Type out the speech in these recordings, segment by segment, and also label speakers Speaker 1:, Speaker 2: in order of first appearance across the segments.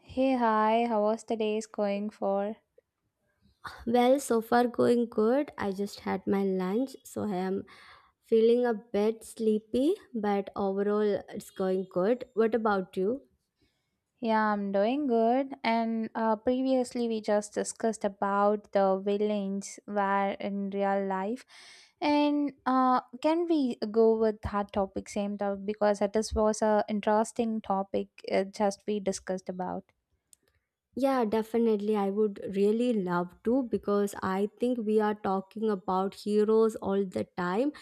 Speaker 1: Hey, hi, how was the day's going for?
Speaker 2: Well, so far going good. I just had my lunch, so I am feeling a bit sleepy, but overall it's going good. What about you?
Speaker 1: Yeah, I'm doing good. And previously, we just discussed about the villains where in real life. And can we go with that topic same topic because that is was a interesting topic just we discussed about.
Speaker 2: Yeah, definitely. I would really love to because I think we are talking about heroes all the time,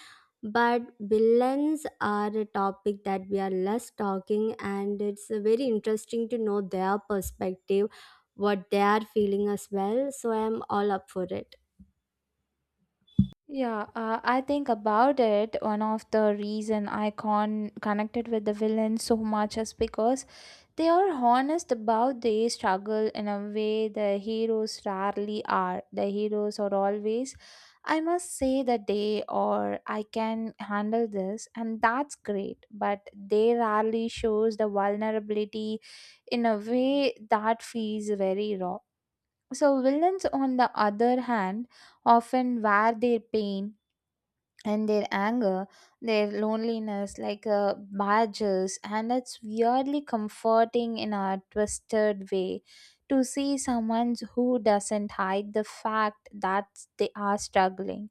Speaker 2: but villains are a topic that we are less talking, and it's very interesting to know their perspective, what they are feeling as well. So I am all up for it.
Speaker 1: Yeah, I think about it. One of the reason I connected with the villain so much is because they are honest about their struggle in a way the heroes rarely are. The heroes are always, I must say the day or I can handle this and that's great. But they rarely shows the vulnerability in a way that feels very raw. So villains on the other hand often wear their pain and their anger, their loneliness, like badges, and it's weirdly comforting in a twisted way to see someone who doesn't hide the fact that they are struggling.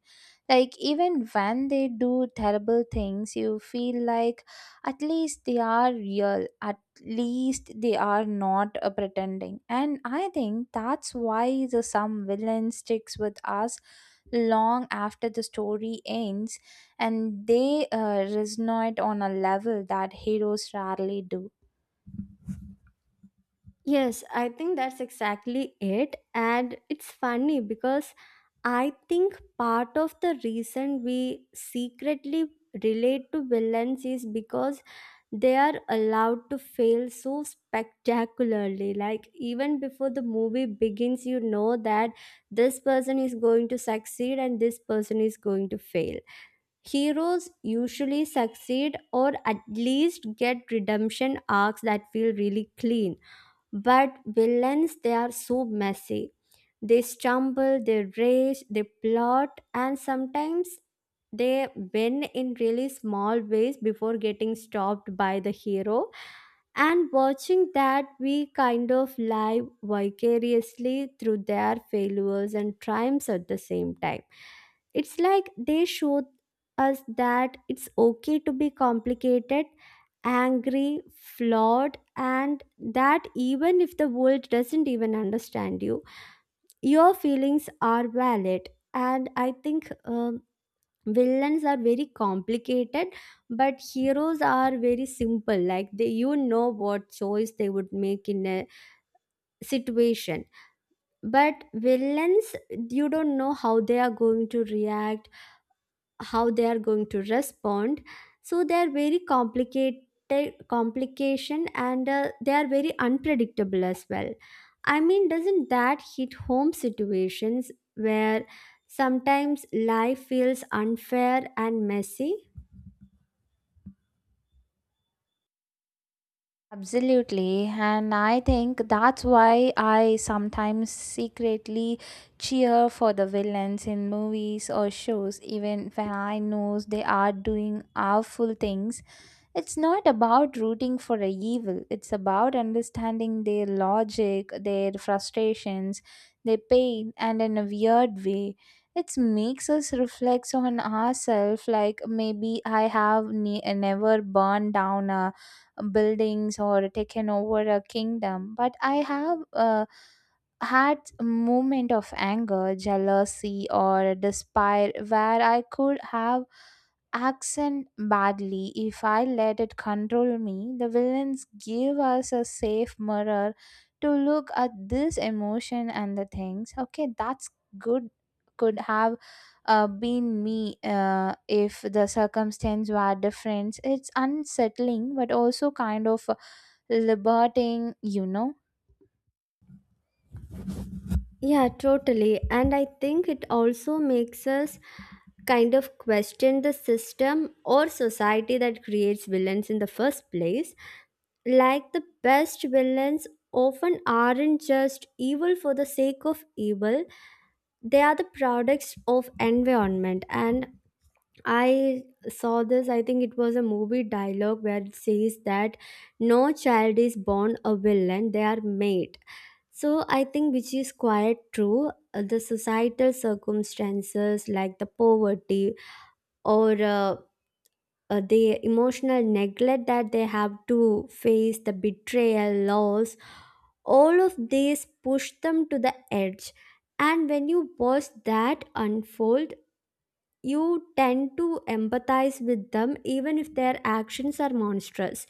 Speaker 1: Like, even when they do terrible things, you feel like at least they are real, at least they are not pretending. And I think that's why the some villain sticks with us long after the story ends, and they resonate on a level that heroes rarely do.
Speaker 2: Yes, I think that's exactly it. And it's funny because I think part of the reason we secretly relate to villains is because they are allowed to fail so spectacularly. Like, even before the movie begins, you know that this person is going to succeed and this person is going to fail. Heroes usually succeed or at least get redemption arcs that feel really clean, but villains, they are so messy. They stumble, they rage, they plot, and sometimes they win in really small ways before getting stopped by the hero. And watching that, we kind of live vicariously through their failures and triumphs at the same time. It's like they showed us that it's okay to be complicated, angry, flawed, and that even if the world doesn't even understand you, your feelings are valid. And I think villains are very complicated, but heroes are very simple. Like, they, you know what choice they would make in a situation. But villains, you don't know how they are going to react, how they are going to respond, so they are very complicated. Complication, and they are very unpredictable as well. I mean, doesn't that hit home, situations where sometimes life feels unfair and messy?
Speaker 1: Absolutely, and I think that's why I sometimes secretly cheer for the villains in movies or shows, even when I know they are doing awful things. It's not about rooting for a evil, it's about understanding their logic, their frustrations, their pain, and in a weird way, it makes us reflect on ourselves like maybe I have never burned down a buildings or taken over a kingdom, but I have. Had a moment of anger, jealousy, or despair where I could have accent badly. If I let it control me, the villains give us a safe mirror to look at this emotion and the things. Okay, that's good. Could have been me if the circumstance were different. It's unsettling, but also kind of liberating, you know.
Speaker 2: Yeah, totally. And I think it also makes us kind of question the system or society that creates villains in the first place. Like, the best villains often aren't just evil for the sake of evil, they are the products of environment. And I saw this, I think it was a movie dialogue where it says that no child is born a villain, they are made. So I think, which is quite true. The societal circumstances, like the poverty or the emotional neglect that they have to face, the betrayal, loss, all of these push them to the edge. And when you watch that unfold, you tend to empathize with them even if their actions are monstrous.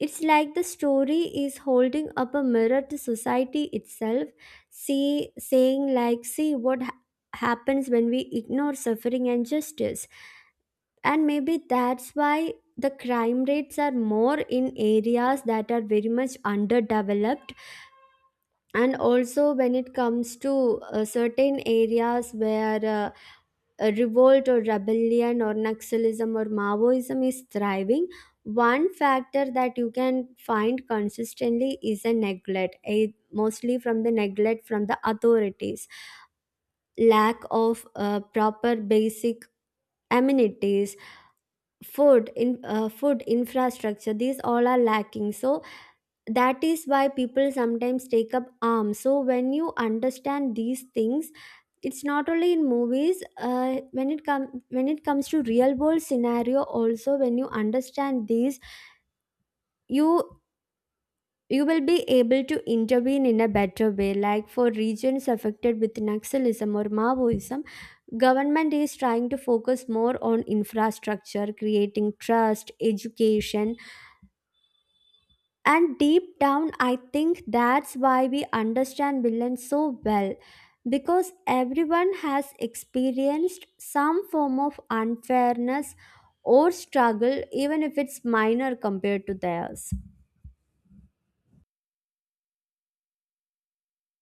Speaker 2: It's like the story is holding up a mirror to society itself, see, saying, like, see what happens when we ignore suffering and justice. And maybe that's why the crime rates are more in areas that are very much underdeveloped, and also when it comes to certain areas where revolt or rebellion or Naxalism or Maoism is thriving, one factor that you can find consistently is a neglect, a, mostly from the neglect from the authorities, lack of proper basic amenities, food, in food infrastructure, these all are lacking. So that is why people sometimes take up arms. So when you understand these things, it's not only in movies, when it comes to real world scenario also, when you understand these, you you will be able to intervene in a better way. Like, for regions affected with Naxalism or Maoism, government is trying to focus more on infrastructure, creating trust, education. And deep down, I think that's why we understand villains so well, because everyone has experienced some form of unfairness or struggle, even if it's minor compared to theirs.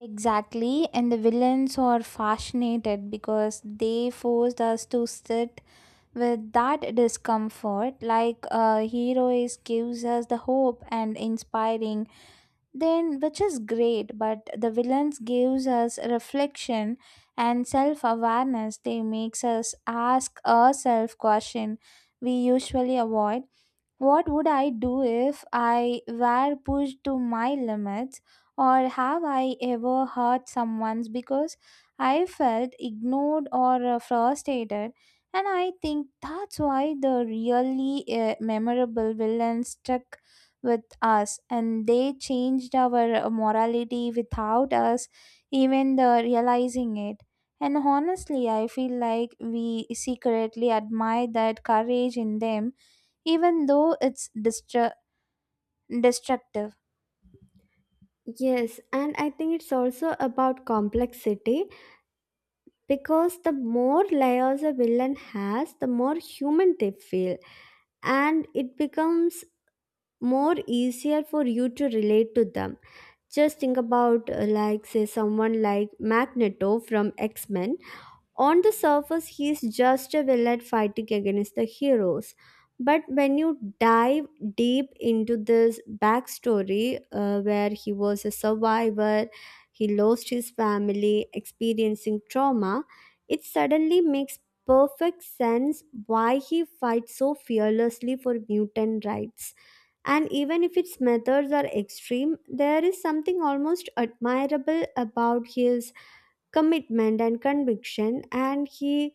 Speaker 1: Exactly, and the villains are fascinated because they forced us to sit with that discomfort like a hero is gives us the hope and inspiring then which is great, but the villains gives us reflection and self-awareness. They makes us ask a self question we usually avoid. What would I do if I were pushed to my limits, or have I ever hurt someone's because I felt ignored or frustrated? And I think that's why the really memorable villains stuck with us and they changed our morality without us even the realizing it. And honestly, I feel like we secretly admire that courage in them even though it's destructive.
Speaker 2: Yes, and I think it's also about complexity, because the more layers a villain has, the more human they feel, and it becomes more easier for you to relate to them. Just think about, like, say, someone like Magneto from X Men. On the surface, he is just a villain fighting against the heroes. But when you dive deep into this backstory, where he was a survivor, he lost his family, experiencing trauma, it suddenly makes perfect sense why he fights so fearlessly for mutant rights. And even if its methods are extreme, there is something almost admirable about his commitment and conviction. And he,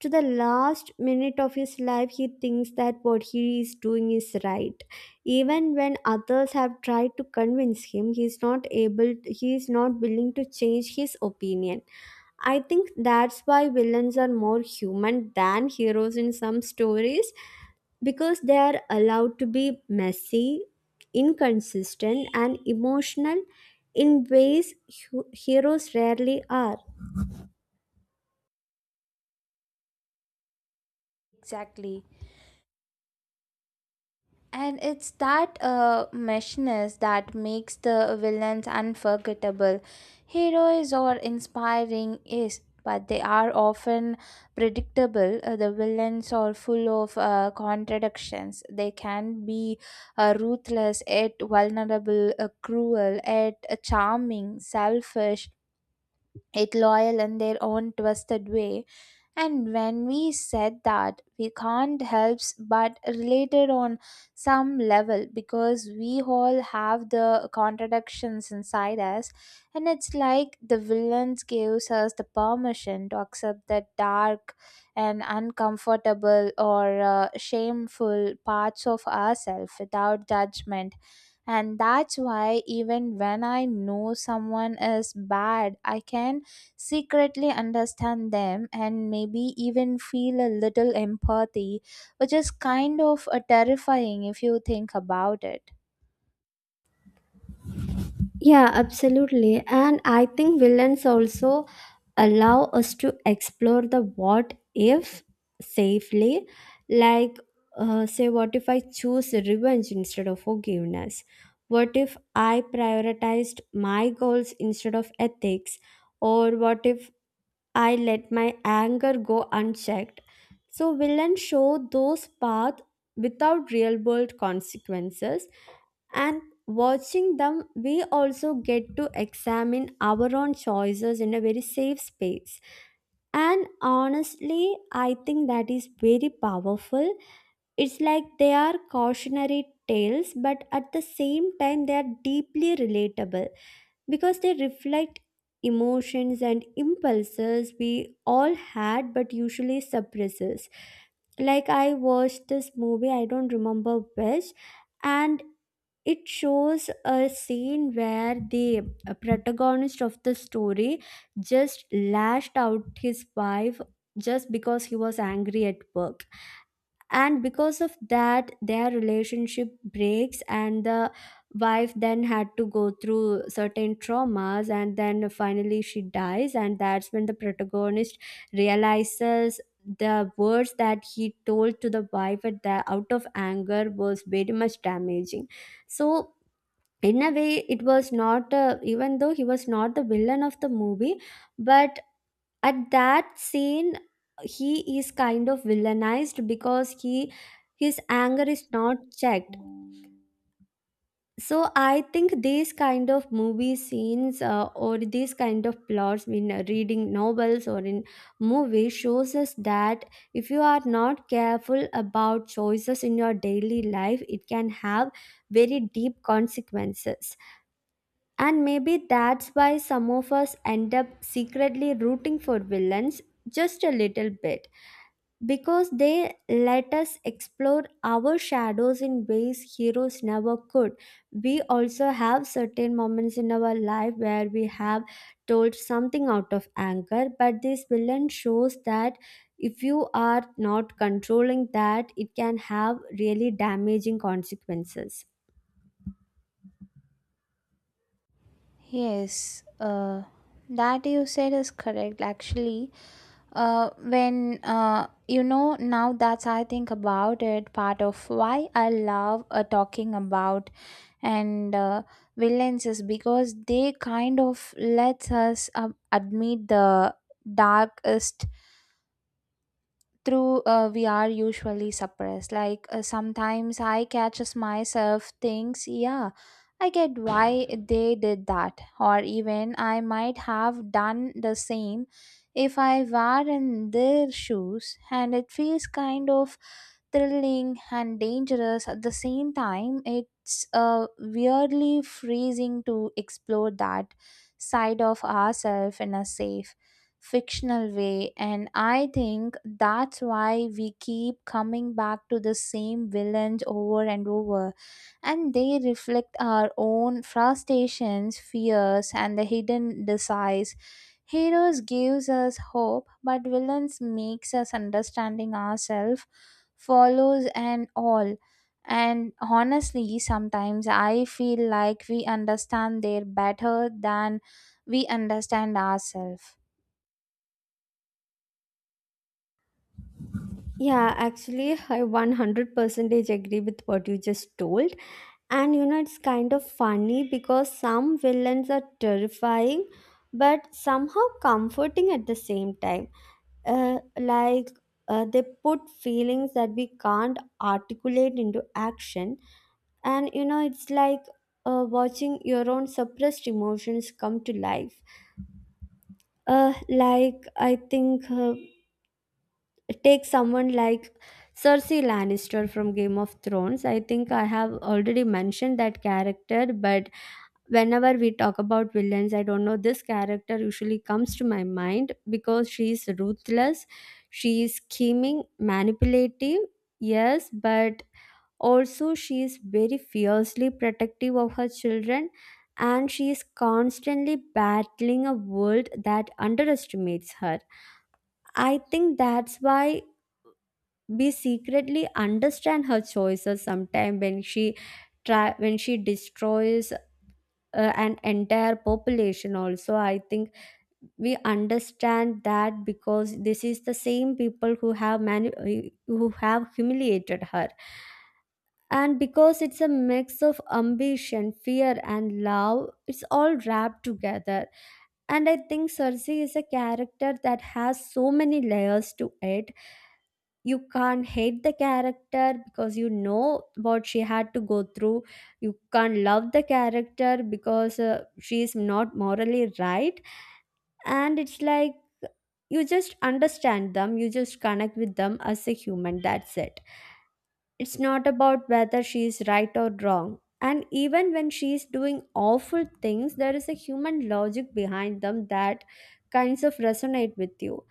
Speaker 2: to the last minute of his life, he thinks that what he is doing is right. Even when others have tried to convince him, he is not willing to change his opinion. I think that's why villains are more human than heroes in some stories, because they are allowed to be messy, inconsistent, and emotional in ways heroes rarely are.
Speaker 1: Exactly. And it's that meshness that makes the villains unforgettable. Heroes are inspiring, yes, but they are often predictable. The villains are full of contradictions. They can be ruthless, yet vulnerable, cruel, yet charming, selfish, it loyal in their own twisted way. And when we said that, we can't help but related on some level because we all have the contradictions inside us. And it's like the villains gives us the permission to accept the dark and uncomfortable or shameful parts of ourselves without judgment. And that's why even when I know someone is bad, I can secretly understand them and maybe even feel a little empathy, which is kind of terrifying if you think about it.
Speaker 2: Yeah, absolutely. And I think villains also allow us to explore the what if safely. Like, say, what if I choose revenge instead of forgiveness? What if I prioritized my goals instead of ethics? Or what if I let my anger go unchecked? So villains show those paths without real world consequences, and watching them, we also get to examine our own choices in a very safe space. And honestly, I think that is very powerful. It's like they are cautionary tales, but at the same time they are deeply relatable, because they reflect emotions and impulses we all had but usually suppresses. Like, I watched this movie, I don't remember which, and it shows a scene where the protagonist of the story just lashed out his wife just because he was angry at work, and because of that their relationship breaks. And the wife then had to go through certain traumas, and then finally she dies. And that's when the protagonist realizes the words that he told to the wife at the, out of anger was very much damaging. So, in a way, it was not even though he was not the villain of the movie, but at that scene he is kind of villainized because he, his anger is not checked. So I think these kind of movie scenes, or these kind of plots in reading novels or in movie, shows us that if you are not careful about choices in your daily life, it can have very deep consequences. And maybe that's why some of us end up secretly rooting for villains just a little bit, because they let us explore our shadows in ways heroes never could. We also have certain moments in our life where we have told something out of anger, but this villain shows that if you are not controlling that, it can have really damaging consequences.
Speaker 1: Yes, that you said is correct actually. When you know, now that I think about it, part of why I love talking about and villains is because they kind of lets us admit the darkest through we are usually suppressed. Like sometimes I catches myself thinks, yeah, I get why they did that, or even I might have done the same if I were in their shoes. And it feels kind of thrilling and dangerous at the same time. It's weirdly freezing to explore that side of ourselves in a safe fictional way. And I think that's why we keep coming back to the same villains over and over. And they reflect our own frustrations, fears, and the hidden desires. Heroes gives us hope, but villains makes us understanding ourselves, follows and all. And honestly, sometimes I feel like we understand their better than we understand ourselves.
Speaker 2: Yeah, actually, I 100% agree with what you just told. And you know, it's kind of funny because some villains are terrifying, but somehow comforting at the same time. Like, they put feelings that we can't articulate into action. And you know, it's like watching your own suppressed emotions come to life. Like, I think. Take someone like Cersei Lannister from Game of Thrones. I think I have already mentioned that character, but whenever we talk about villains, I don't know, this character usually comes to my mind because she is ruthless, she is scheming, manipulative, yes, but also she is very fiercely protective of her children, and she is constantly battling a world that underestimates her. I think that's why we secretly understand her choices sometime. When she try when she destroys an entire population also, I think we understand that, because this is the same people who have who have humiliated her. And because it's a mix of ambition, fear, and love, it's all wrapped together. And I think Cersei is a character that has so many layers to it. You can't hate the character because you know what she had to go through. You can't love the character because she is not morally right. And it's like, you just understand them, you just connect with them as a human, that's it. It's not about whether she is right or wrong. And even when she is doing awful things, there is a human logic behind them that kinds of resonate with you.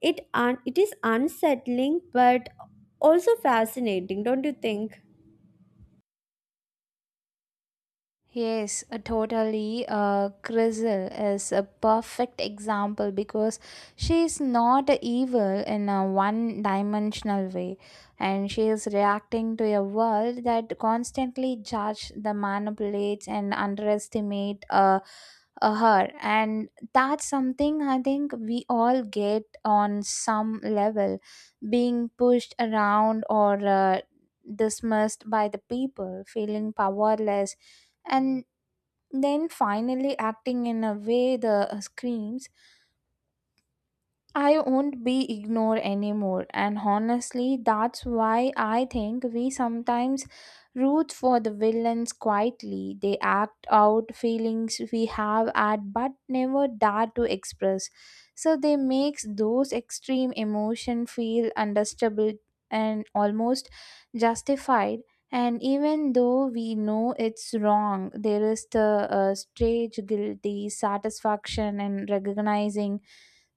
Speaker 2: It is unsettling, but also fascinating, don't you think?
Speaker 1: Yes, totally. Grizzle is a perfect example because she is not evil in a one dimensional way, and she is reacting to a world that constantly judge the manipulates and underestimate her. And that's something I think we all get on some level, being pushed around or dismissed by the people, feeling powerless and then finally acting in a way the screams I won't be ignored anymore. And honestly, that's why I think we sometimes root for the villains quietly. They act out feelings we have at but never dare to express. So they makes those extreme emotion feel understandable and almost justified. And even though we know it's wrong, there is the strange guilty satisfaction in recognizing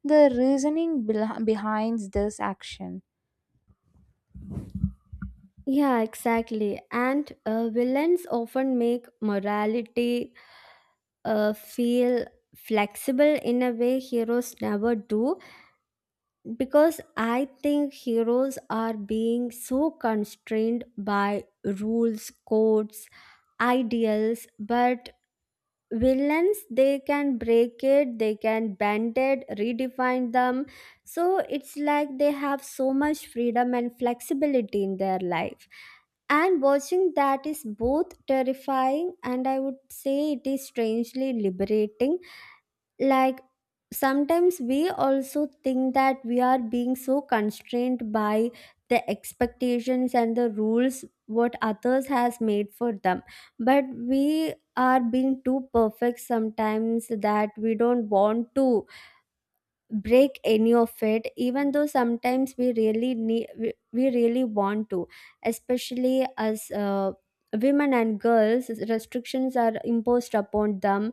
Speaker 1: the reasoning behind this action.
Speaker 2: Yeah, exactly. And villains often make morality feel flexible in a way heroes never do, because I think heroes are being so constrained by rules, codes, ideals, but villains, they can break it, they can bend it, redefine them. So it's like they have so much freedom and flexibility in their life, and watching that is both terrifying and I would say it is strangely liberating. Like, sometimes we also think that we are being so constrained by the expectations and the rules what others has made for them, but we are being too perfect sometimes that we don't want to break any of it, even though sometimes we really need, we really want to, especially as women and girls, restrictions are imposed upon them.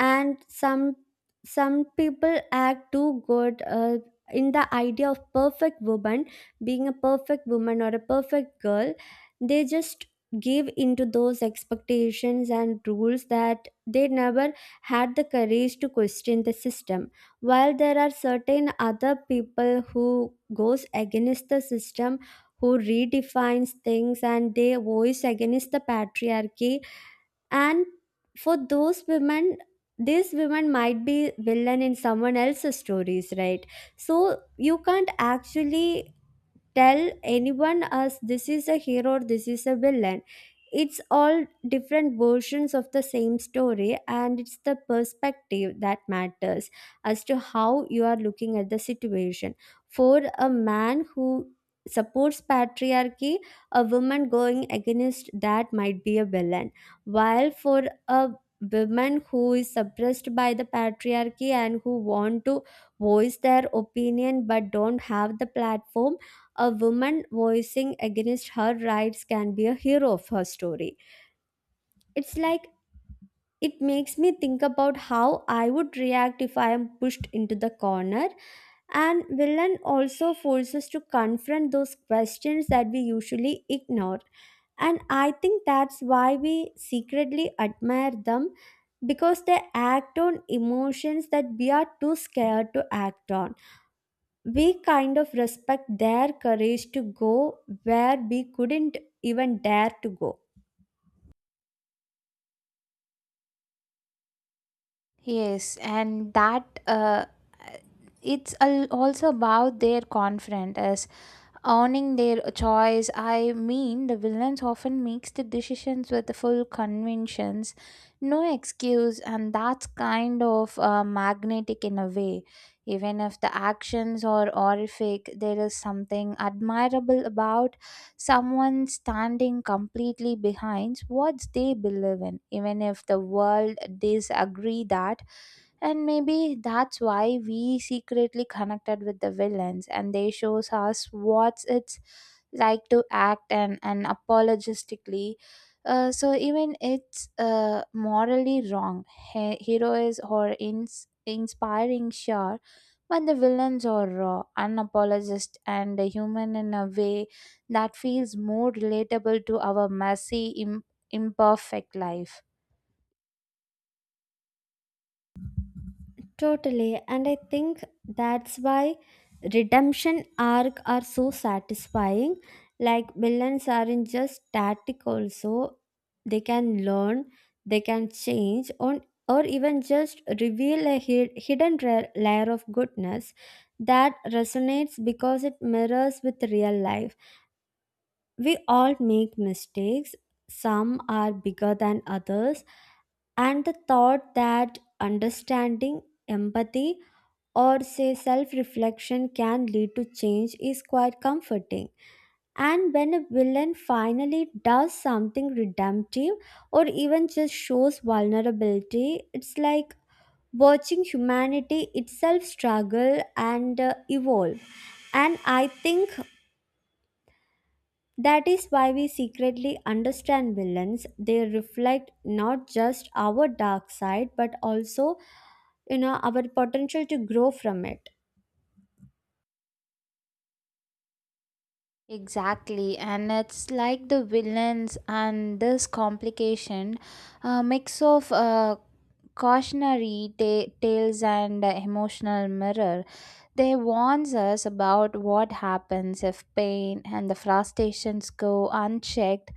Speaker 2: And some people act too good, in the idea of perfect woman, being a perfect woman or a perfect girl, they just give into those expectations and rules that they never had the courage to question the system, while there are certain other people who goes against the system, who redefines things and they voice against the patriarchy. And for those women, these women might be villain in someone else's stories, right? So you can't actually tell anyone as this is a hero or this is a villain. It's all different versions of the same story, and it's the perspective that matters as to how you are looking at the situation. For a man who supports patriarchy, a woman going against that might be a villain, while for a woman who is suppressed by the patriarchy and who want to voice their opinion but don't have the platform, a woman voicing against her rights can be a hero of her story. It's like, it makes me think about how I would react if I am pushed into the corner. And villain also forces us to confront those questions that we usually ignore. And I think that's why we secretly admire them, because they act on emotions that we are too scared to act on. We kind of respect their courage to go where we couldn't even dare to go.
Speaker 1: Yes, and that it's also about their confidence, owning their choice. I mean, the villains often makes the decisions with the full conventions, no excuse, and that's kind of magnetic in a way. Even if the actions are horrific, there is something admirable about someone standing completely behind what they believe in, even if the world disagree that. And maybe that's why we secretly connected with the villains, and they shows us what it's like to act and apologistically. So even it's morally wrong. Hero is or inspiring sure, but the villains are raw, unapologist and human in a way that feels more relatable to our messy, imperfect life.
Speaker 2: Totally, and I think that's why redemption arc are so satisfying. Like, villains aren't just static also. They can learn, they can change on, or even just reveal a hidden layer of goodness that resonates because it mirrors with real life. We all make mistakes, some are bigger than others, and the thought that understanding, empathy, or say self reflection can lead to change is quite comforting. And when a villain finally does something redemptive or even just shows vulnerability, it's like watching humanity itself struggle and evolve. And I think that is why we secretly understand villains. They reflect not just our dark side, but also, you know, our potential to grow from it.
Speaker 1: Exactly, and it's like the villains and this complication, a mix of cautionary tales and emotional mirror. They warns us about what happens if pain and the frustrations go unchecked,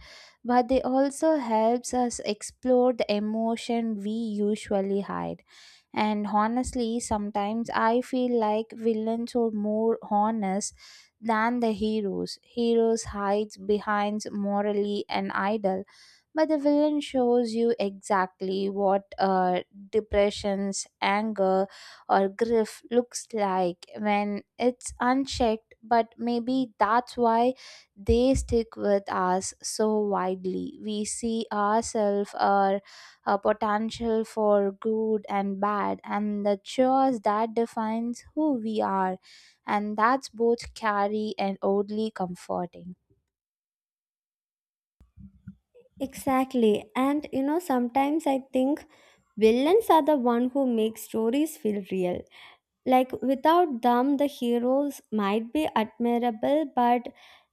Speaker 1: but they also helps us explore the emotion we usually hide. And honestly, sometimes I feel like villains are more honest than the heroes. Heroes hides behind morally an idol, but the villain shows you exactly what depressions, anger or grief looks like when it's unchecked. But maybe that's why they stick with us so widely. We see ourselves or a potential for good and bad and the choice that defines who we are. And that's both scary and oddly comforting.
Speaker 2: Exactly. And you know, sometimes I think villains are the one who make stories feel real. Like, without them, the heroes might be admirable, but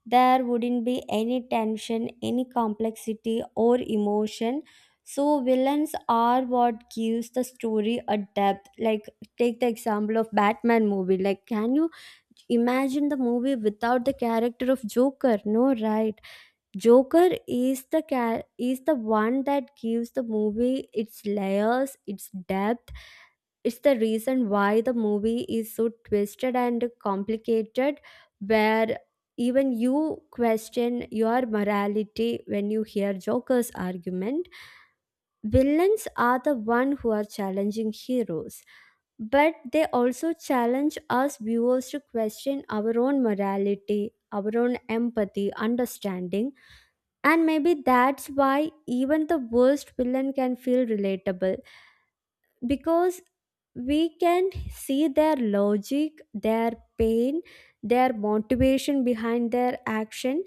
Speaker 2: there wouldn't be any tension, any complexity, or emotion. So, villains are what gives the story a depth. Like, take the example of Batman movie. Like, can you imagine the movie without the character of Joker? No, right? Joker is is the one that gives the movie its layers, its depth. It's the reason why the movie is so twisted and complicated, where even you question your morality when you hear Joker's argument. Villains are the one who are challenging heroes, but they also challenge us viewers to question our own morality, our own empathy, understanding. And maybe that's why even the worst villain can feel relatable, because we can see their logic, their pain, their motivation behind their action,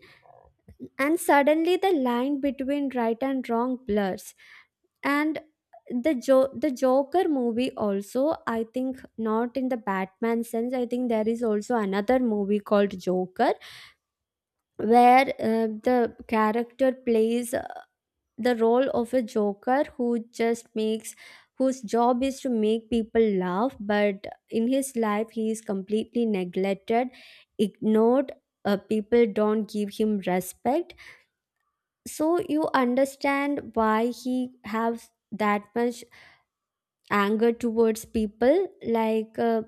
Speaker 2: and suddenly the line between right and wrong blurs. And the Joker movie also, I think not in the Batman sense. I think there is also another movie called Joker, where the character plays the role of a joker who just makes whose job is to make people laugh, but in his life he is completely neglected, ignored. People don't give him respect, so you understand why he has that much anger towards people. Like,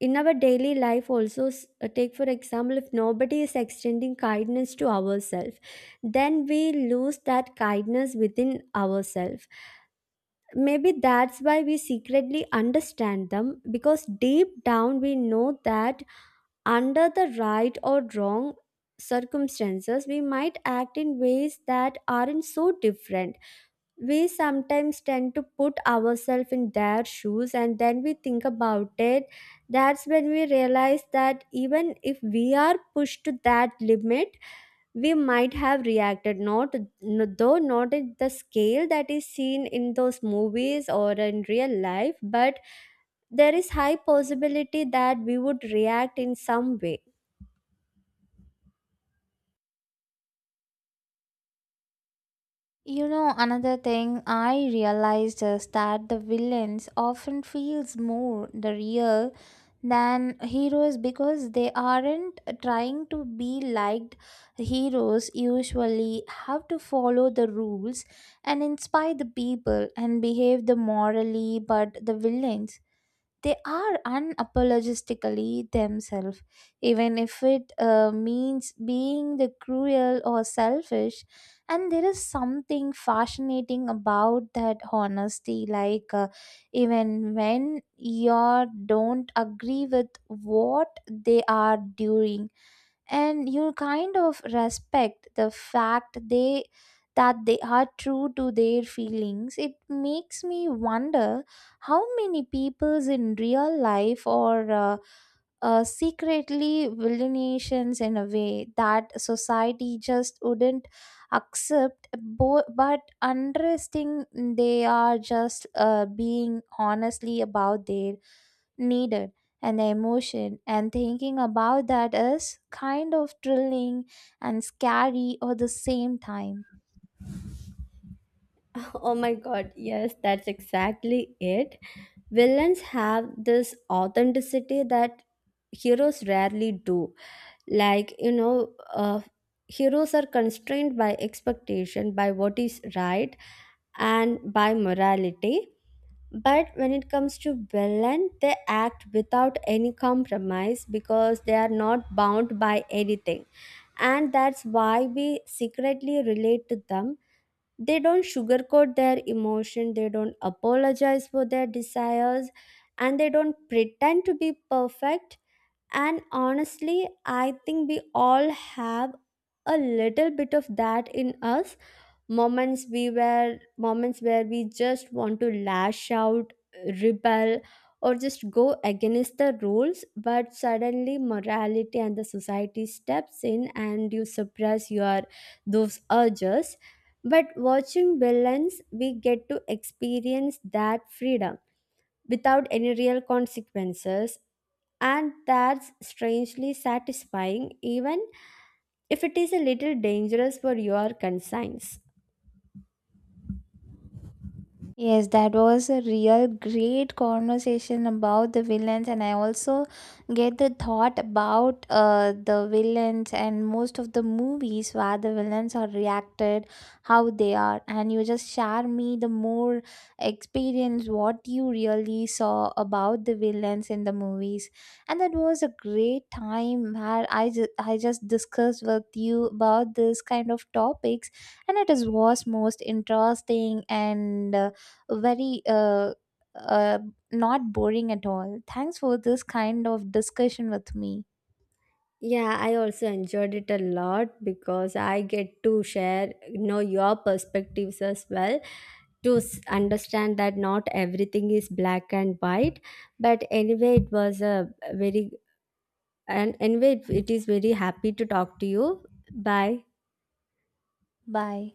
Speaker 2: in our daily life also, take for example if nobody is extending kindness to ourselves, then we lose that kindness within ourselves. Maybe that's why we secretly understand them, because deep down we know that under the right or wrong circumstances we might act in ways that aren't so different. We sometimes tend to put ourselves in their shoes and then we think about it. That's when we realize that even if we are pushed to that limit, we might have reacted, not n- though not at the scale that is seen in those movies or in real life, but there is high possibility that we would react in some way.
Speaker 1: You know, another thing I realized is that the villains often feels more the real than heroes because they aren't trying to be liked. Heroes usually have to follow the rules and inspire the people and behave the morally, but the villains, they are unapologetically themselves, even if it means being the cruel or selfish. And there is something fascinating about that honesty. Like, even when you don't agree with what they are doing, and you kind of respect the fact they that they are true to their feelings. It makes me wonder how many peoples in real life or secretly villainations in a way that society just wouldn't accept but interesting, they are just being honestly about their needed and the emotion. And thinking about that is kind of thrilling and scary at the same time.
Speaker 2: Oh my god, yes, that's exactly it. Villains have this authenticity that heroes rarely do. Like, you know, heroes are constrained by expectation, by what is right and by morality. But when it comes to Berlin, they act without any compromise because they are not bound by anything. And that's why we secretly relate to them. They don't sugarcoat their emotion, they don't apologize for their desires, and they don't pretend to be perfect. And honestly, I think we all have a little bit of that in us. Moments where we just want to lash out, rebel, or just go against the rules, but suddenly morality and the society steps in and you suppress your those urges. But watching villains, we get to experience that freedom without any real consequences, and that's strangely satisfying, even if it is a little dangerous for your conscience.
Speaker 1: Yes, that was a real great conversation about the villains, and I also get the thought about the villains and most of the movies where the villains are reacted, how they are, and you just share me the more experience what you really saw about the villains in the movies. And that was a great time where I I just discussed with you about this kind of topics, and it is was most interesting and very uh, not boring at all. Thanks for this kind of discussion with me.
Speaker 2: Yeah, I also enjoyed it a lot, because I get to share, you know, your perspectives as well, to understand that not everything is black and white. But anyway, it was a very and anyway, it is very happy to talk to you. Bye.
Speaker 1: Bye.